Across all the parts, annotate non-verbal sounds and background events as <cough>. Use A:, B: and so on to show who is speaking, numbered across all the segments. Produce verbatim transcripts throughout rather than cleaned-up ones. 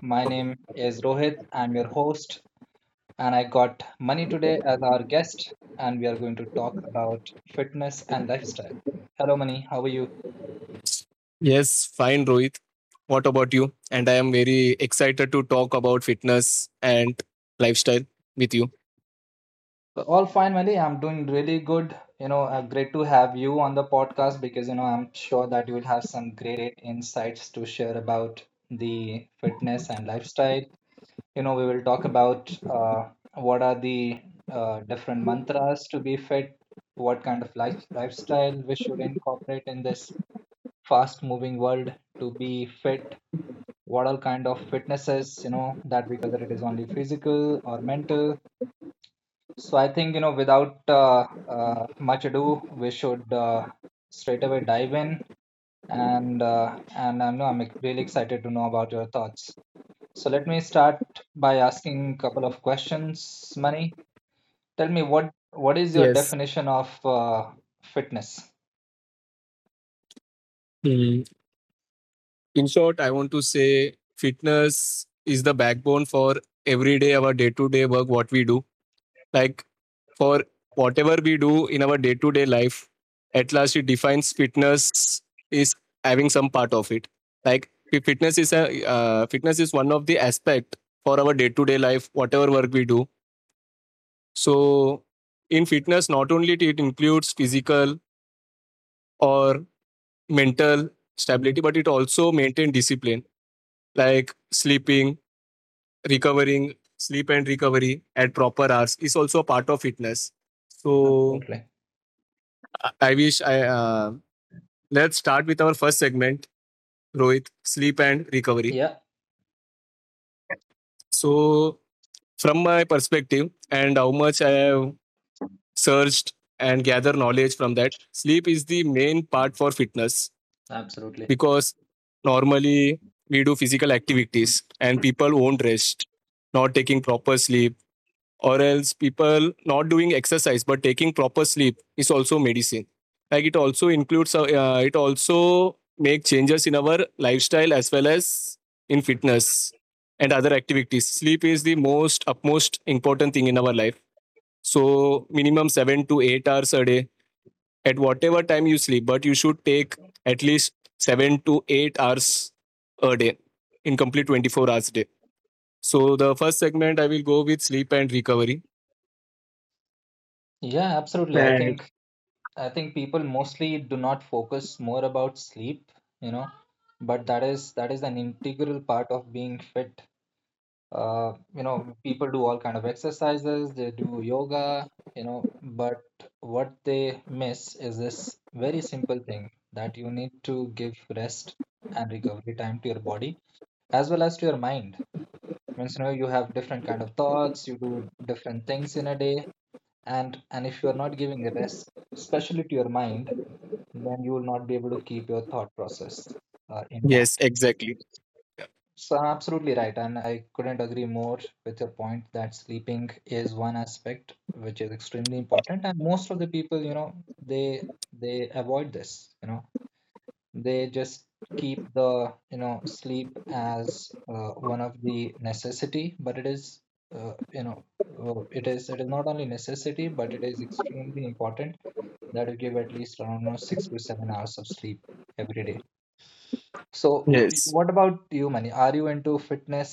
A: My name is Rohit. I'm your host, and I got Mani today as our guest, and we are going to talk about fitness and lifestyle. Hello, Mani. How are you?
B: Yes, fine, Rohit. What about you? And I am very excited to talk about fitness and lifestyle with you.
A: So, all fine, Mani. I'm doing really good. You know, uh, great to have you on the podcast, because you know I'm sure that you will have some great insights to share about the fitness and lifestyle. You know we will talk about uh, what are the uh, different mantras to be fit, what kind of life, lifestyle we should incorporate in this fast moving world to be fit, what all kind of fitnesses you know that we concentrate on, whether it is only physical or mental. So I think you know without uh, uh, much ado we should uh, straight away dive in, and uh, and I know I'm really excited to know about your thoughts. So let me start by asking a couple of questions, Mani. Tell me, what what is your
B: Yes.
A: definition of uh, fitness?
B: Mm. In short, I want to say fitness is the backbone for everyday, our day to day work, what we do. Like for whatever we do in our day to day life, at last it defines fitness is having some part of it. Like fi- fitness is a uh, fitness is one of the aspect for our day to day life, whatever work we do. So, in fitness, not only it includes physical or mental
A: Mhm,
B: stability, but it also maintain discipline like sleeping, recovering, sleep and recovery at proper hours is also a part of fitness. So,
A: absolutely.
B: I I wish I uh, let's start with our first segment, Rohit, sleep and recovery.
A: Yeah,
B: So, from my perspective and how much I have searched and gather knowledge from that, sleep is the main part for fitness
A: absolutely.
B: because normally we do physical activities and people won't rest, not taking proper sleep, or else people not doing exercise but taking proper sleep is also medicine. Like it also includes, uh, uh, it also make changes in our lifestyle as well as in fitness and other activities. Sleep is the most upmost important thing in our life. So minimum seven to eight hours a day at whatever time you sleep, but you should take at least seven to eight hours a day in complete twenty-four hours a day. So the first segment I will go with sleep and recovery.
A: Yeah, absolutely. I
B: Yeah.
A: think I think people mostly do not focus more about sleep, you know, but that is that is an integral part of being fit. Uh, you know people do all kind of exercises, they do yoga, you know but what they miss is this very simple thing, that you need to give rest and recovery time to your body as well as to your mind. Means, you know you have different kind of thoughts, you do different things in a day, and and if you are not giving a rest, especially to your mind, then you will not be able to keep your thought process uh,
B: Yes,
A: intact.
B: exactly.
A: So absolutely right, and I couldn't agree more with your point that sleeping is one aspect which is extremely important, and most of the people, you know, they they avoid this, you know, they just keep the, you know, sleep as uh, one of the necessity, but it is, uh, you know, uh, it is it is not only necessity, but it is extremely important that you give at least I don't know six to seven hours of sleep every day. So, w-
B: Yes.
A: what about you, Mani? Are you into fitness,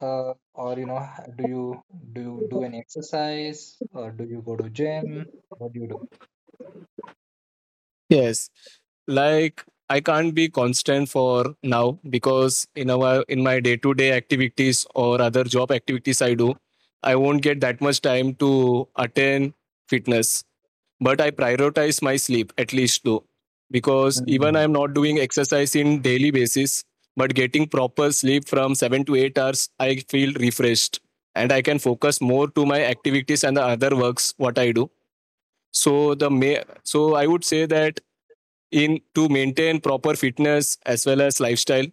A: uh, or you know, h- do you do you do any exercise, or do you go to gym? What do you do?
B: Yes. Like I can't be constant for now because in our in my day-to-day activities or other job activities I do, I won't get that much time to attend fitness but I prioritize my sleep at least though, because even I'm
A: Hmm.
B: not doing exercise in daily basis, but getting proper sleep from seven to eight hours, I feel refreshed and I can focus more to my activities and the other works what I do. So the ma- so I would say that in to maintain proper fitness as well as lifestyle,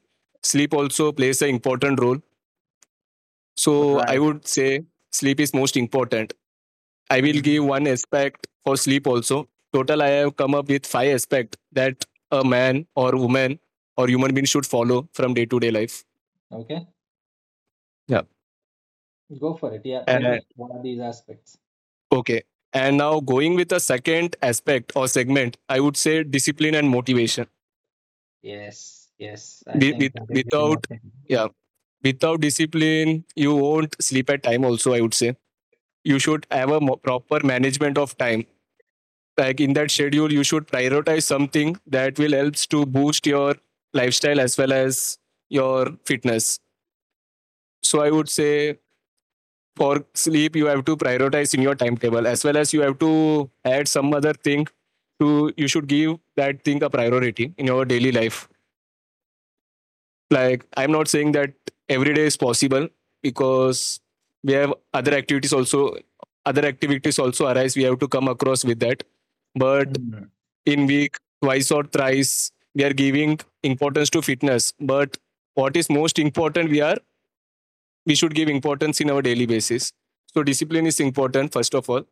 B: sleep also plays an important role. So I
A: Right.
B: would say sleep is most important. I will
A: Hmm.
B: give one aspect for sleep also. Total, I have come up with five aspects that a man or woman or human being should follow from day to day life.
A: Okay,
B: Yeah.
A: go for it. Yeah, tell
B: And,
A: me, what are these aspects?
B: okay. And now going with the second aspect or segment, I would say discipline and motivation.
A: Yes, yes, I
B: With, with,
A: think that is the
B: without,
A: most important.
B: yeah, without discipline, you won't sleep at time. Also, I would say you should have a mo- proper management of time, like in that schedule you should prioritize something that will helps to boost your lifestyle as well as your fitness. So I would say for sleep you have to prioritize in your timetable as well as you have to add some other thing to. You should give that thing a priority in your daily life. Like I'm not saying that every day is possible because we have other activities also, other activities also arise, we have to come across with that. But
A: Hmm.
B: in week twice or thrice we are giving importance to fitness, but what is most important, we are we should give importance in our daily basis. So discipline is important first of all.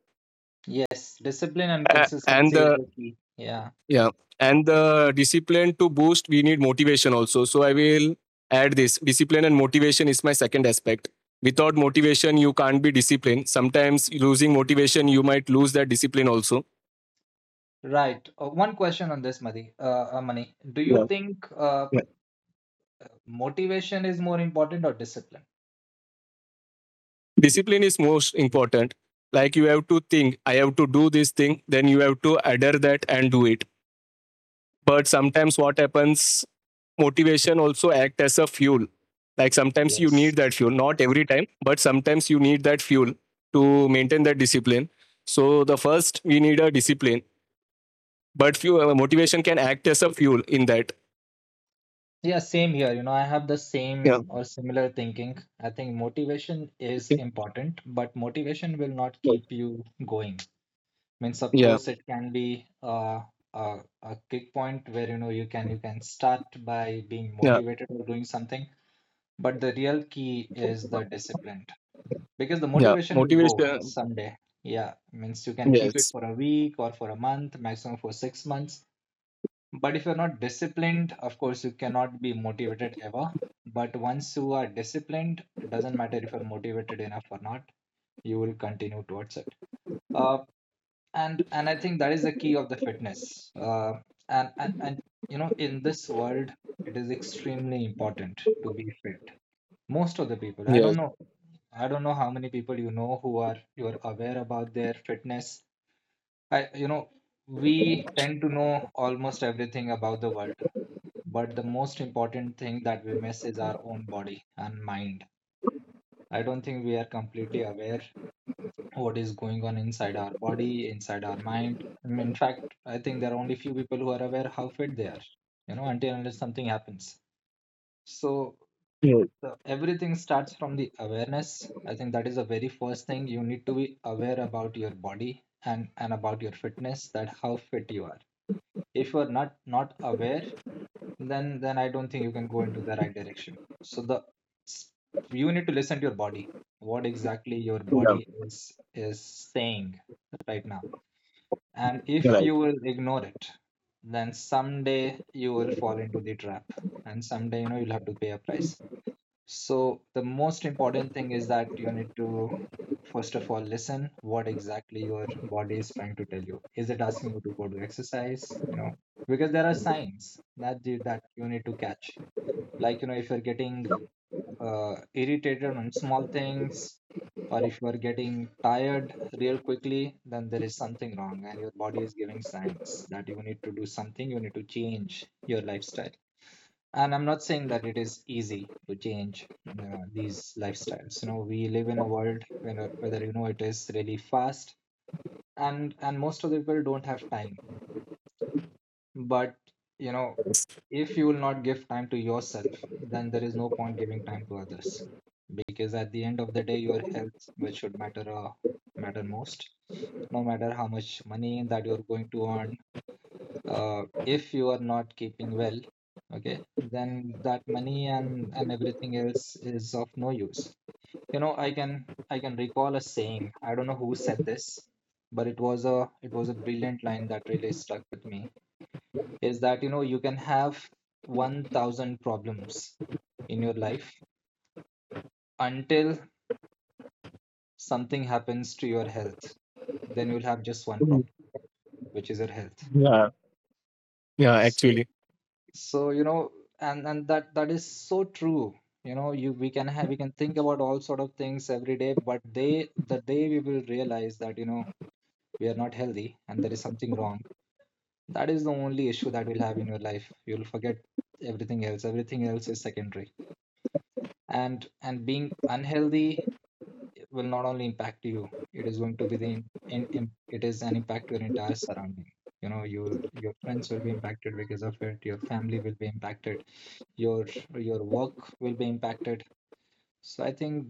A: Yes, discipline and
B: A- and
A: consistency is
B: the
A: the key. Yeah,
B: yeah and the discipline, to boost we need motivation also. So I will add this discipline and motivation is my second aspect. Without motivation you can't be disciplined. Sometimes losing motivation you might lose that discipline also.
A: right. Uh, one question on this, Madhi. Uh, uh, Mani. Do you think uh, motivation is more important or discipline?
B: Discipline is most important, like you have to think I have to do this thing, then you have to adhere that and do it. But sometimes what happens, motivation also act as a fuel, like sometimes you
A: Yes.
B: need that fuel, not every time but sometimes you need that fuel to maintain that discipline. So the first we need a discipline, but few uh, motivation can act as a fuel in that.
A: Yeah, same here. You know, I have the same
B: Yeah,
A: or similar thinking. I think motivation is important, but motivation will not keep you going. Means, of
B: yeah,
A: course, it can be uh, a a kick point where you know you can you can start by being
B: yeah,
A: motivated or doing something, but the real key is the discipline, because the
B: yeah.
A: motivation will go
B: Motivation.
A: someday. Yeah, means you can keep it
B: Yes,
A: for a week or for a month, maximum for six months, but if you're not disciplined, of course, you cannot be motivated ever. But once you are disciplined, it doesn't matter if you're motivated enough or not, you will continue towards it. Uh, and and I think that is the key of the fitness. Uh, and, and and you know, in this world, it is extremely important to be fit. Most of the people, I don't
B: yes,
A: know, I don't know how many people you know who are you are aware about their fitness. I you know, we tend to know almost everything about the world, but the most important thing that we miss is our own body and mind. I don't think we are completely aware what is going on inside our body, inside our mind. I mean, in fact, I think there are only few people who are aware how fit they are, you know, until unless something happens. So
B: yes,
A: the, everything starts from the awareness. I think that is the very first thing, you need to be aware about your body and, and about your fitness, that how fit you are. If you are not not aware, then then I don't think you can go into the right direction. So the s- you need to listen to your body, what exactly your
B: yeah.
A: body is is saying right now. And
B: Yeah.
A: if
B: Right.
A: you will ignore it, then someday you will fall into the trap, and someday you know you'll have to pay a price. So the most important thing is that you need to first of all listen what exactly your body is trying to tell you. Is it asking you to go to exercise? You know, because there are signs that you, that you need to catch. Like, you know, if you're getting uh, irritated on small things, or if you are getting tired real quickly, then there is something wrong, and your body is giving signs that you need to do something. You need to change your lifestyle, and I'm not saying that it is easy to change uh, these lifestyles. You know we live in a world where, whether you know it is really fast, and and most of the people don't have time, but you know if you will not give time to yourself, then there is no point giving time to others, because at the end of the day your health, which should matter uh, matter most, no matter how much money that you're going to earn. Uh, if you are not keeping well, okay, then that money and and everything else is of no use. you know I can i can recall a saying, I don't know who said this, but it was a it was a brilliant line that really stuck with me, is that you know you can have one thousand problems in your life, until something happens to your health, then you'll have just one problem, which is your health.
B: Yeah, yeah.
A: So
B: Actually,
A: so you know and and that that is so true. you know you we can have we can think about all sort of things every day, but day the day we will realize that you know we are not healthy and there is something wrong, that is the only issue that we'll have in your life. You'll forget everything else, everything else is secondary, and and being unhealthy will not only impact you, it is going to be the in, in, in- it is an impact to your entire surrounding. you know you your friends will be impacted because of it, your family will be impacted, your your work will be impacted. So I think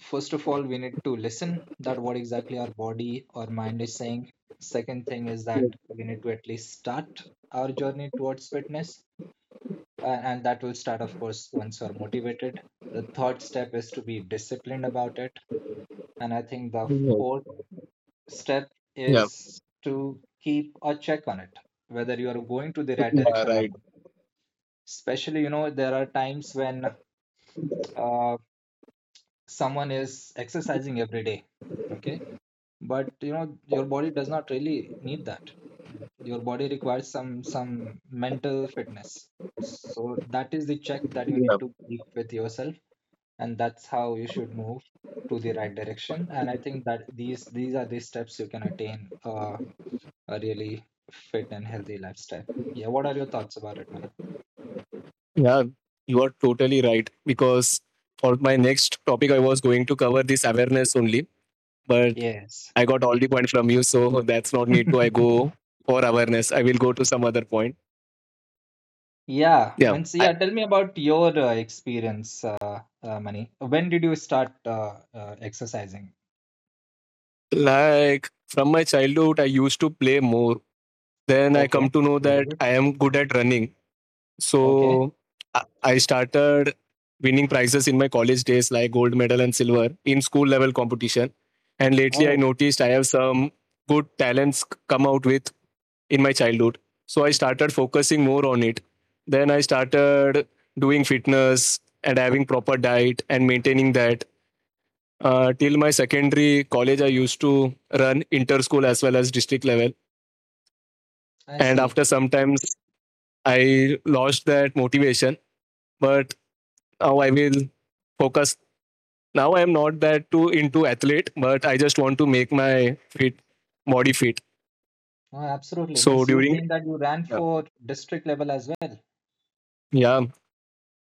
A: first of all we need to listen that what exactly our body or mind is saying. Second thing is that we need to at least start our journey towards fitness, uh, and that will start of course once you're motivated. The third step is to be disciplined about it, and I think the
B: yes,
A: fourth step
B: yeah.
A: is to keep a check on it, whether you are going to the right
B: Yeah,
A: direction or
B: right.
A: not. Especially, you know there are times when uh, someone is exercising every day, okay, but you know your body does not really need that, your body requires some some mental fitness. So that is the check that you need to keep with yourself, and that's how you should move to the right direction. And I think that these these are the steps you can attain uh, a really fit and healthy lifestyle. Yeah, what are your thoughts about it, man?
B: Yeah, you are totally right. Because for my next topic, I was going to cover this awareness only, but
A: Yes.
B: I got all the point from you, so that's not need to. I go
A: <laughs>
B: for awareness. I will go to some other point.
A: Yeah,
B: Yeah,
A: means,
B: I
A: yeah. Tell me about your uh, experience, uh, uh, Mani. When did you start uh, uh, exercising?
B: like from my childhood, I used to play more. Then I come
A: Okay,
B: to know
A: very
B: that
A: good.
B: I am good at running.
A: Okay.
B: So I I started winning prizes in my college days, like gold medal and silver in school level competition. And lately, I
A: Oh,
B: noticed I have some good talents c- come out with in my childhood. So I started focusing more on it. Then I started doing fitness and having proper diet and maintaining that. Uh, till my secondary college, I used to run inter school as well as district level.
A: I
B: And
A: see.
B: after sometimes I lost that motivation. But now I will focus. Now I am not that too into athlete, but I just want to make my fit body fit.
A: Oh, absolutely.
B: So
A: Means you're
B: during
A: saying that you ran for district level as well.
B: yeah,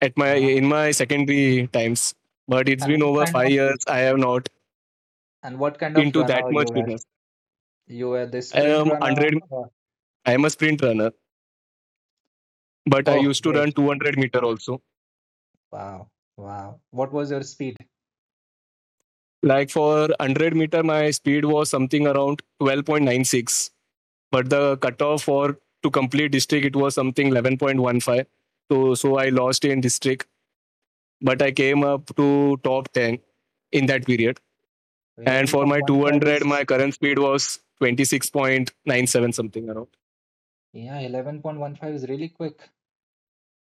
B: at my in
A: Wow.
B: my secondary times, but it's
A: And
B: been
A: what
B: over
A: kind
B: five
A: of
B: years. I have not
A: and what kind of
B: into that
A: runner you
B: much
A: were?
B: fitness.
A: You were the
B: I
A: sprint
B: am one
A: runner.
B: hundred.
A: Or...
B: I am a sprint runner, but I
A: Oh,
B: used to run
A: great.
B: 200 meter also.
A: Wow. Wow. What was your speed?
B: Like for 100 meter, my speed was something around twelve point nine six, but the cutoff for to complete district it was something eleven point one five. So so I lost in district but I came up to top ten in that period. And for my
A: eleven point one five?
B: two hundred,
A: Is
B: my current speed was twenty-six point nine seven something around.
A: yeah, eleven point one five is really quick.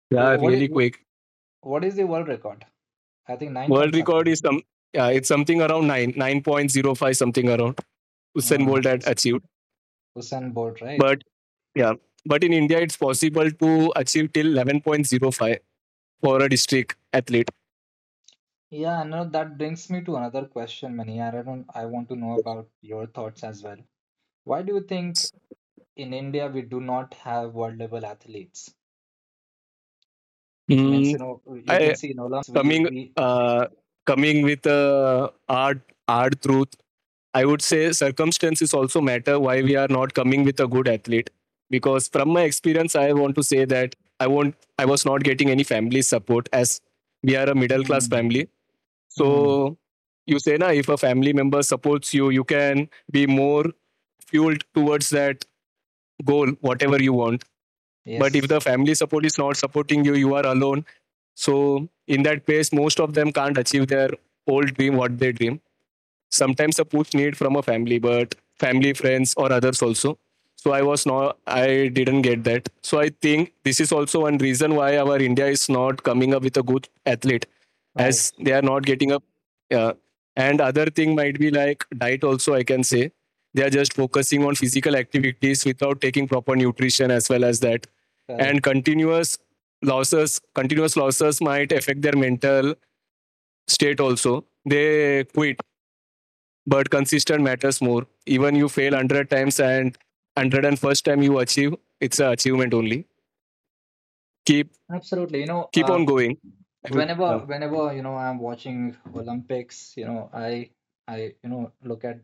B: Yeah,
A: Wh- What is
B: really quick.
A: what is the world record? I think nine
B: World
A: point something,
B: record
A: right?
B: is some. Yeah, it's something around nine, nine point zero five something around. Usain
A: Uh,
B: Bolt had
A: Us-
B: achieved,
A: Usain Bolt, right?
B: but yeah, but in India it's possible to achieve till eleven point zero five for a district athlete.
A: Yeah, no, that brings me to another question, Mani. I don't, I want to know about your thoughts as well. Why do you think in India we do not have world level athletes? Means,
B: Mm,
A: you know, you can
B: I
A: see in Olympics we
B: coming
A: we.
B: uh, coming with uh, art art truth, I would say circumstances also matter why we are not coming with a good athlete. Because from my experience, I want to say that I won't I was not getting any family support as we are a middle class
A: Hmm.
B: family.
A: Hmm.
B: So you say na if a family member supports you, you can be more fueled towards that goal, whatever you want. But if
A: Yes,
B: the family support is not supporting you, you are alone. So in that case most of them can't achieve their old dream, what they dream. Sometimes support need from a family, but family, friends or others also. So I was not I didn't get that. So I think this is also one reason why our India is not coming up with a good athlete
A: right,
B: as they are not getting up. Yeah. And other thing might be like diet also, I can say they are just focusing on physical activities without taking proper nutrition as well as that. And
A: correct.
B: continuous losses continuous losses might affect their mental state also, they quit. But consistent matters more. Even you fail a hundred times and hundred and first time you achieve, it's an achievement only. Keep
A: Absolutely. You know,
B: keep
A: uh,
B: on going. Yeah.
A: whenever whenever you know I'm watching Olympics, you know, I I you know look at,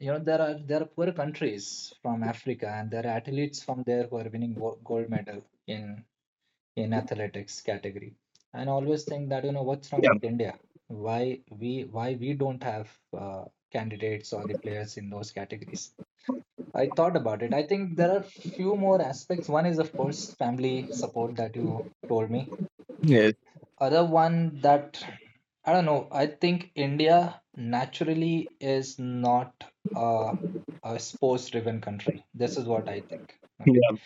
A: you know there are there are poor countries from Africa, and there are athletes from there who are winning wo- gold medal in in athletics category. And I always think that you know what's wrong with India? Why we why we don't have uh, candidates or the players in those categories? I thought about it. I think there are few more aspects. One is of course family support that you told me,
B: Yes.
A: other one that I don't know, I think India naturally is not a, a sports-driven country. This is what I think. Okay.
B: Yeah.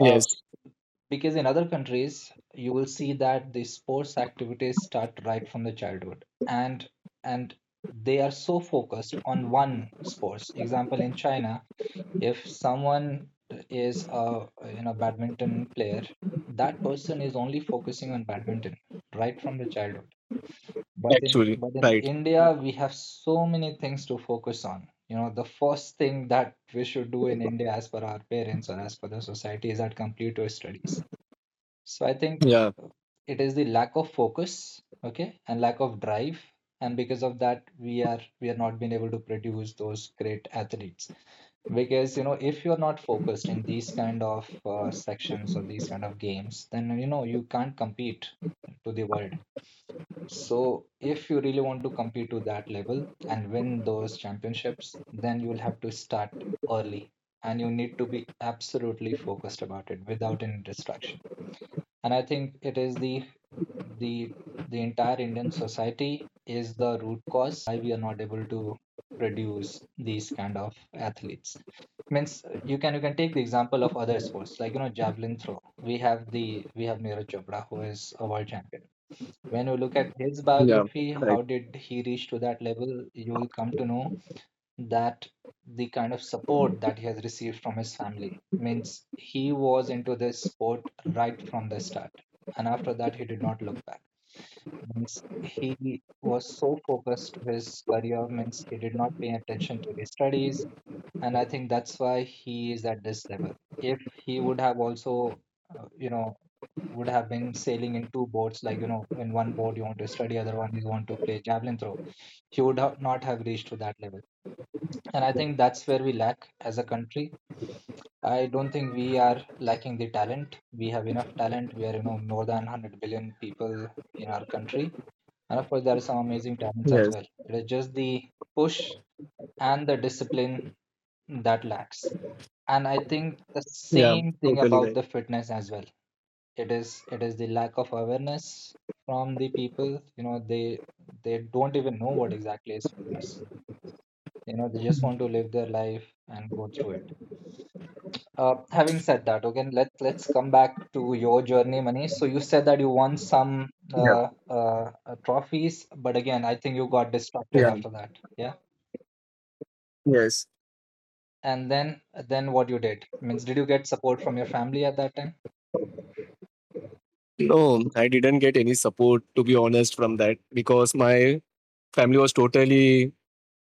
B: Yes.
A: Uh, because in other countries, you will see that the sports activities start right from the childhood, and and they are so focused on one sports. Example, in China, if someone is a you know badminton player, that person is only focusing on badminton right from the childhood, but in but in India, we have so many things to focus on. You know, the first thing that we should do in India, as per our parents or as per the society, is that complete your studies. So I think uh, it is the lack of focus, okay, and lack of drive, and because of that, we are we are not being able to produce those great athletes. Because you know, if you're not focused in these kind of uh, sections or these kind of games, then you know you can't compete to the world. So if you really want to compete to that level and win those championships, then you'll have to start early and you need to be absolutely focused about it without any distraction. And I think it is the the the entire Indian society is the root cause that why we are not able to produce these kind of athletes. Means, uh, you can you can take the example of other sports like you know javelin throw. We have the we have Neeraj Chopra, who is a world champion. When you look at his
B: Yeah.
A: biography, how
B: Right.
A: did he reach to that level, you will come to know that the kind of support that he has received from his family, means he was into this sport right from the start. And after that, he did not look back. Means he was so focused to his career, means he did not pay attention to his studies, and I think that's why he is at this level. If he would have also, uh, you know, would have been sailing in two boats, like you know, in one boat you want to study, other one you want to play javelin throw, he would ha- not have reached to that level. And I think that's where we lack as a country. I don't think we are lacking the talent. We have enough talent. We are, you know, more than one hundred billion people in our country. And of course, there are some amazing talents as
B: Yes.
A: well. It is just the push and the discipline that lacks, and I think the
B: Yeah.
A: same thing
B: Totally
A: about
B: right.
A: the fitness as well. It is it is the lack of awareness from the people. You know, they they don't even know what exactly is fitness. You know, they just want to live their life and go through it. Uh, having said that, okay, let let's come back to your journey, Manish. So you said that you won some
B: Yeah.
A: uh, uh, uh, trophies, but again, I think you got distracted
B: Yeah.
A: after that. Yeah.
B: Yes.
A: And then then what you did? Means, did you get support from your family at that time?
B: No, I didn't get any support to be honest from that, because my family was totally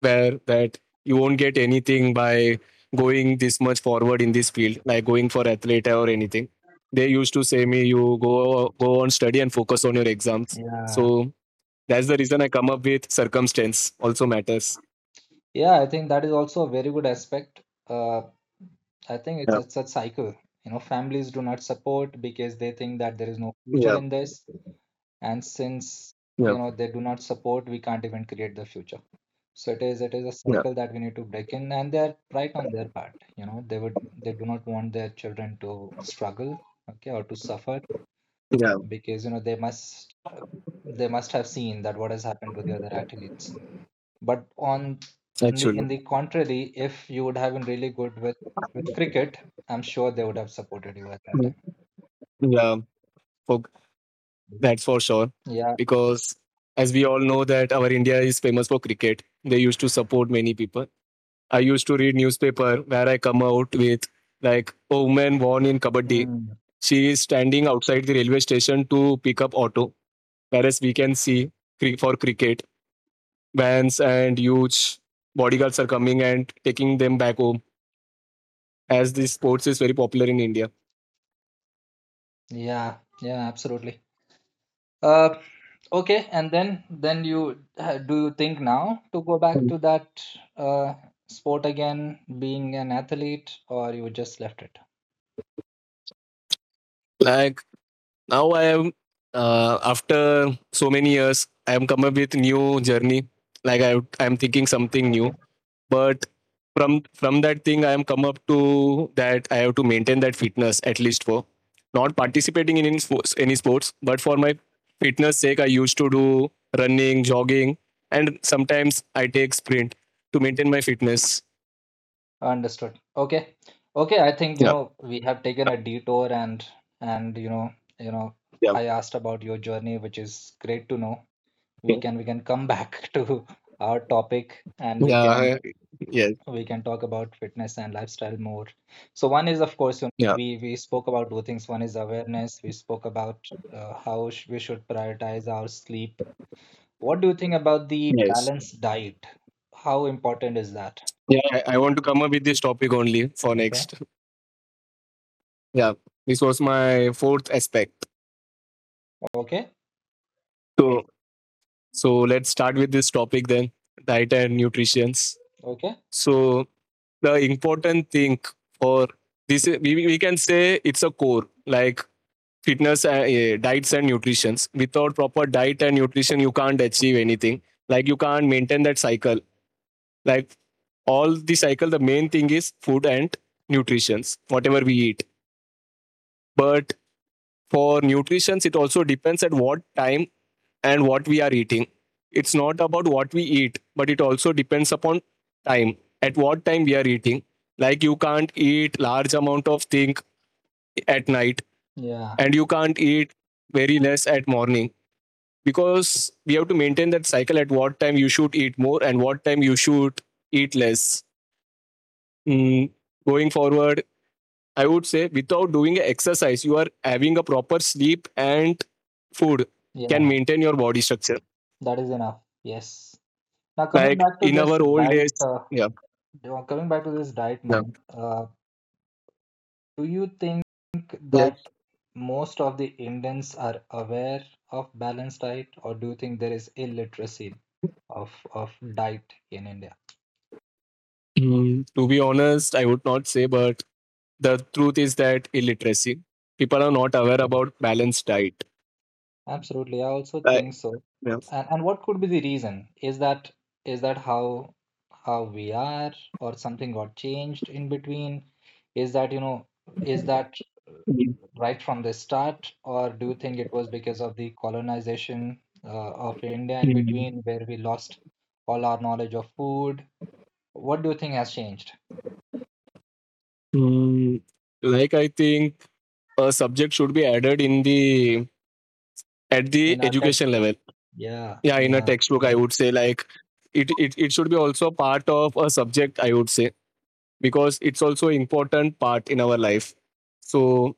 B: where that you won't get anything by going this much forward in this field, like going for athlete or anything. They used to say me, you go go on study and focus on your exams.
A: Yeah.
B: So that's the reason I come up with circumstance also matters.
A: Yeah, I think that is also a very good aspect. Uh, I think it's
B: Yeah,
A: a, a cycle. You know, families do not support because they think that there is no future
B: yeah,
A: in this, and since
B: yeah.
A: you know they do not support, we can't even create the future. So it is it is a
B: Yeah,
A: cycle that we need to break in, and they're right on their part. You know, they would they do not want their children to struggle, okay, or to suffer,
B: yeah.
A: because you know they must uh, they must have seen that what has happened to the other athletes. But on on the
B: Actually,
A: in the contrary, if you would have been really good with with cricket, I'm sure they would have supported you at that time.
B: yeah, for, that's for sure.
A: Yeah.
B: Because as we all know that our India is famous for cricket, they used to support many people. I used to read newspaper where I come out with like a woman born in Kabaddi.
A: Mm.
B: She is standing outside the railway station to pick up auto. Whereas we can see cri- for cricket, vans and huge bodyguards are coming and taking them back home as this sports is very popular in India.
A: Yeah. Yeah. Absolutely. Uh, okay. And then then you, uh, do you think now to go back to that uh, sport again, being an athlete, or you just left it?
B: Like now I am uh, after so many years, I am coming up with new journey. Like I, I'm thinking something
A: Okay.
B: new. But from from that thing I am come up to that I have to maintain that fitness, at least for not participating in any sports, any sports, but for my fitness sake I used to do running, jogging and sometimes I take sprint to maintain my fitness.
A: Understood. Okay. Okay, I think, you
B: Yeah,
A: know, we have taken a detour, and and you know, you know,
B: yeah,
A: I asked about your journey, which is great to know. We
B: okay.
A: can we can come back <laughs> to our topic, and we can
B: Yeah, yes,
A: we can talk about fitness and lifestyle more. So one is, of course, you know,
B: yeah,
A: we we spoke about two things. One is awareness. We spoke about uh, how sh we should prioritize our sleep. What do you think about the
B: yes,
A: balanced diet? How important is that?
B: yeah. I, I want to come up with this topic only for
A: Okay.
B: next, yeah this was my fourth aspect.
A: Okay.
B: So so let's start with this topic then, diet and nutritions.
A: Okay.
B: So the important thing for this, we, we can say it's a core like fitness, uh, eh, diets and nutrition. Without proper diet and nutrition, you can't achieve anything. Like you can't maintain that cycle. Like all the cycle, the main thing is food and nutrition, whatever we eat. But for nutrition, it also depends at what time and what we are eating. It's not about what we eat, but it also depends upon time. At what time we are eating. Like you can't eat large amount of thing at night
A: Yeah.
B: and you can't eat very less at morning because we have to maintain that cycle at what time you should eat more and what time you should eat less. Mm, Going forward, I would say without doing exercise, you are having a proper sleep and food can
A: Yeah,
B: maintain your body structure.
A: that is enough. Yes. Now coming
B: Like
A: back to
B: in
A: this
B: our old
A: diet,
B: days,
A: uh,
B: yeah.
A: do- coming back to this diet,
B: Yeah.
A: money, uh, do you think that
B: Yes.
A: most of the Indians are aware of balanced diet, or do you think there is illiteracy of of diet in India?
B: Mm, to be honest, I would not say, but the truth is that illiteracy. People are not aware about
A: Correct.
B: balanced diet.
A: Absolutely, I also think
B: Right.
A: so.
B: Yeah.
A: And and what could be the reason? Is that is that how how we are, or something got changed in between? Is that, you know, is that
B: Mm.
A: right from the start, or do you think it was because of the colonization uh, of India in between, where we lost all our knowledge of food? What do you think has changed
B: Mm, Like I think a subject should be added in the at the
A: in our
B: education
A: textbook?
B: level.
A: Yeah,
B: Yeah, in a
A: yeah,
B: textbook, I would
A: correct.
B: say like it it, it should be also part of a subject. I would say because it's also important part in our life. So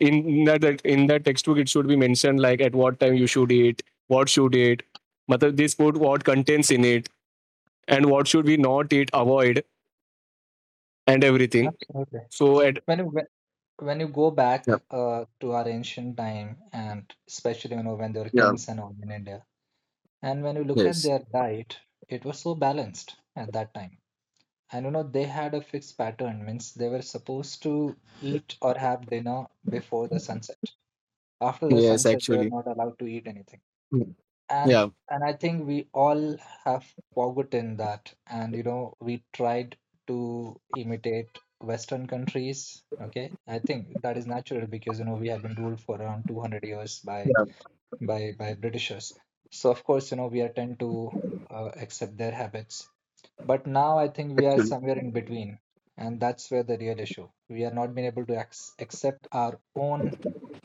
B: in that that- in that textbook it should be mentioned like at what time you should eat what should eat matlab this food what contains in it and what should we not eat avoid and everything
A: Absolutely.
B: so at.
A: When you when when you go back
B: Yeah,
A: uh, to our ancient time, and especially you know when there were
B: yeah,
A: kings and all in India, and when you look at
B: yes,
A: their diet, it was so balanced at that time. I don't know, they had a fixed pattern, means they were supposed to eat or have dinner before the sunset. After the
B: yes,
A: sunset, they were
B: actually,
A: not allowed to eat anything.
B: mm,
A: And
B: yeah,
A: and I think we all have forgotten that. And you know, we tried to imitate Western countries. Okay, I think that is natural because you know we have been ruled for around two hundred years by by by Britishers. So of course, you know, we are tend to uh, accept their habits. But now I think we are
B: actually,
A: somewhere in between, and that's where the real issue. We are not being able to ac- accept our own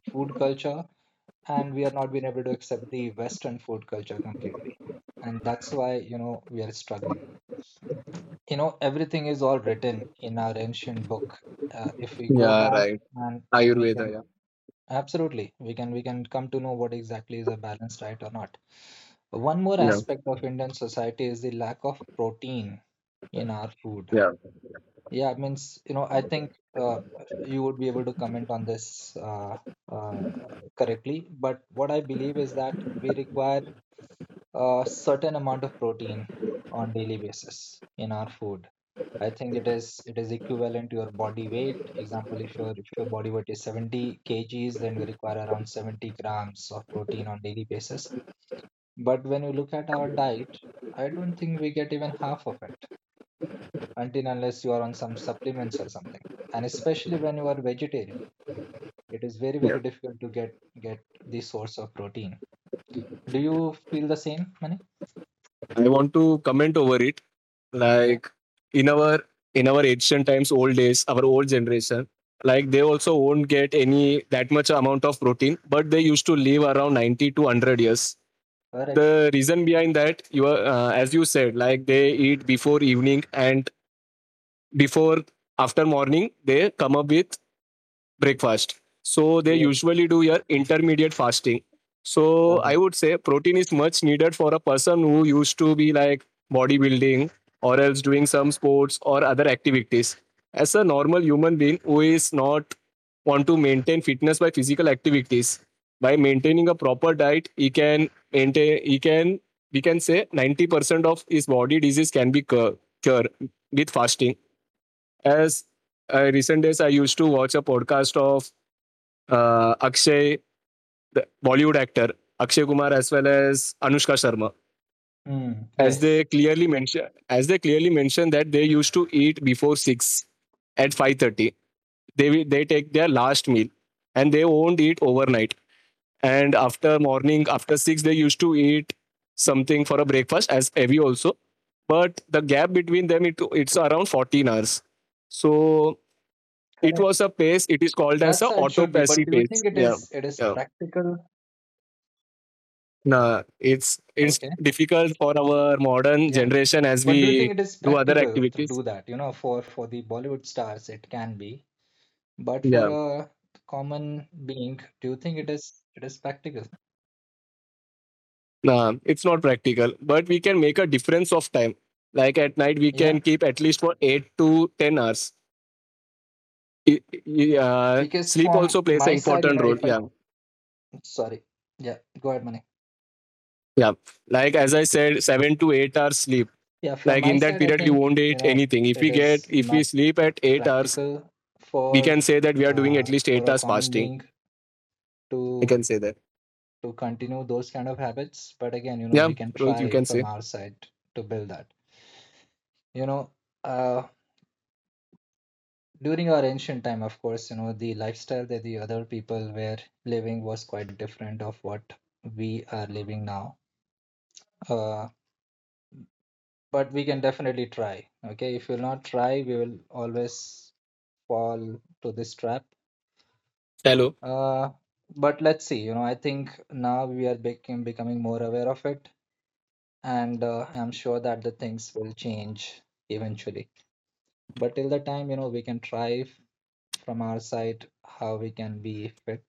A: food culture, and we are not being able to accept the Western food culture completely. And that's why, you know, we are struggling. You know, everything is all written in our ancient book. Uh, if we go
B: yeah,
A: back,
B: right.
A: and and we
B: Ayurveda,
A: can
B: yeah,
A: absolutely we can we can come to know what exactly is a balanced diet or not. One more
B: yeah,
A: aspect of Indian society is the lack of protein in our food.
B: yeah,
A: Yeah, it means, you know, I think uh, you would be able to comment on this uh, uh, correctly. But what I believe is that we require a certain amount of protein on daily basis in our food. I think it is it is equivalent to your body weight. Example, if your if your body weight is seventy kgs, then we require around seventy grams of protein on daily basis. But when you look at our diet, I don't think we get even half of it, until unless you are on some supplements or something. And especially when you are vegetarian, it is very,
B: yeah.
A: very difficult to get get this source of protein. Do you feel the same, Mani?
B: I want to comment over it.
A: Yeah,
B: Like in our in our ancient times, old days, our old generation, like they also won't get any that much amount of protein, but they used to live around ninety to one hundred years. The
A: correct.
B: reason behind that, you are, uh, as you said, like they eat before evening and before after morning, they come up with breakfast. So they
A: Yes,
B: usually do your intermediate fasting. So I
A: correct.
B: would say protein is much needed for a person who used to be like bodybuilding or else doing some sports or other activities. As a normal human being who is not want to maintain fitness by physical activities, by maintaining a proper diet, he can maintain he can we can say ninety percent of his body disease can be cured with fasting. As uh, recent days I used to watch a podcast of uh, Akshay, the Bollywood actor Akshay Kumar, as well as Anushka Sharma,
A: Mm,
B: as
A: yes,
B: they clearly mention, as they clearly mention that they used to eat before six at five thirty. They will- they take their last meal, and they won't eat overnight. And after morning, after six, they used to eat something for a breakfast, as heavy also. But the gap between them, it, it's around fourteen hours. So it
A: correct.
B: was a pace. It is called as
A: That's
B: a
A: how it should be. But
B: autophagy
A: do you
B: pace.
A: think it
B: Yeah.
A: is it is
B: Yeah.
A: practical?
B: No, it's it's
A: Okay.
B: difficult for our modern
A: Yeah.
B: generation as
A: But do you think
B: we
A: it is
B: do other
A: practical to
B: activities.
A: do that? You know, for for the Bollywood stars, it can be. But for
B: Yeah,
A: a common being, do you think it is it is practical?
B: no, it's not practical, but we can make a difference of time. Like at night, we can keep at least for eight to ten hours. I- I- uh,
A: Because
B: Sleep
A: from
B: also plays an
A: my side, you
B: important
A: know,
B: role.
A: if I,
B: Yeah,
A: sorry, yeah, go ahead, Mani.
B: yeah. Like as I said, seven to eight hours sleep.
A: Yeah, from
B: Like
A: my
B: in that
A: side, I
B: period, we won't
A: think, you
B: eat
A: know,
B: anything. If
A: it
B: we get,
A: is
B: if we
A: not
B: sleep at eight hours,
A: practical
B: we
A: for
B: can say that we are doing at
A: uh,
B: least
A: for
B: eight
A: a
B: hours
A: common
B: fasting.
A: being
B: I
A: to
B: can say that.
A: to continue those kind of habits. But again, you know,
B: Yeah,
A: we can
B: Rohit, you
A: try
B: can
A: from
B: say.
A: our side to build that. You know, uh, during our ancient time, of course, you know, the lifestyle that the other people were living was quite different of what we are living now. uh, but we can definitely try. Okay, if you'll not try, we will always fall to this trap.
B: Hello.
A: Uh, but let's see. You know, I think now we are becoming becoming more aware of it, and uh, I'm sure that the things will change eventually. But till the time, you know, we can try from our side how we can be fit.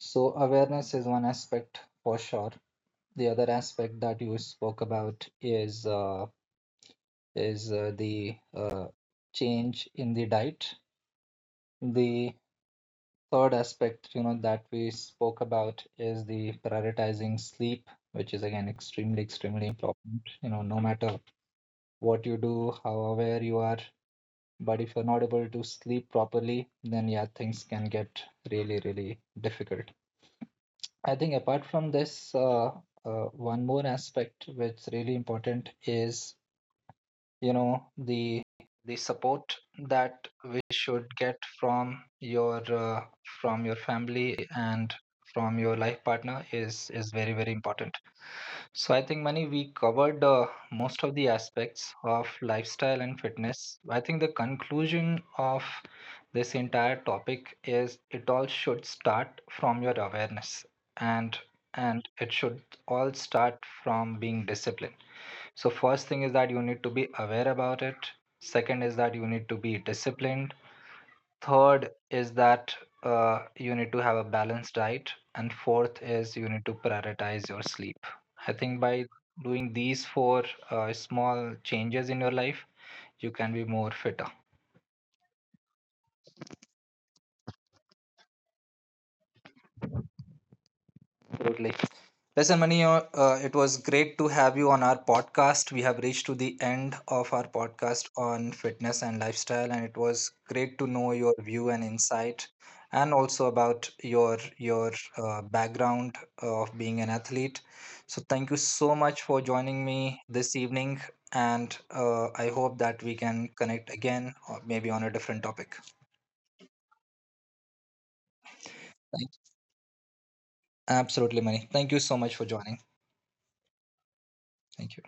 A: So awareness is one aspect for sure. The other aspect that you spoke about is uh, is uh, the uh, change in the diet. The third aspect, you know, that we spoke about is the prioritizing sleep, which is again extremely, extremely important. You know, no matter what you do, how aware you are, but if you're not able to sleep properly, then yeah, things can get really, really difficult. I think apart from this, uh, uh, one more aspect which is really important is you know the the support that we should get from your uh, from your family and from your life partner is is very, very important. So I think, Mani, we covered uh, most of the aspects of lifestyle and fitness. I think the conclusion of this entire topic is it all should start from your awareness, and and it should all start from being disciplined. So, first thing is that you need to be aware about it. Second is that you need to be disciplined. Third is that uh, you need to have a balanced diet. And fourth is you need to prioritize your sleep. I think by doing these four uh, small changes in your life, you can be more fitter. Absolutely. Listen, Mani, uh, uh, it was great to have you on our podcast. We have reached to the end of our podcast on fitness and lifestyle, and it was great to know your view and insight, and also about your your uh, background of being an athlete. So, thank you so much for joining me this evening, and uh, I hope that we can connect again, or maybe on a different topic. Thank, absolutely, Mani. Thank you so much for joining. Thank you.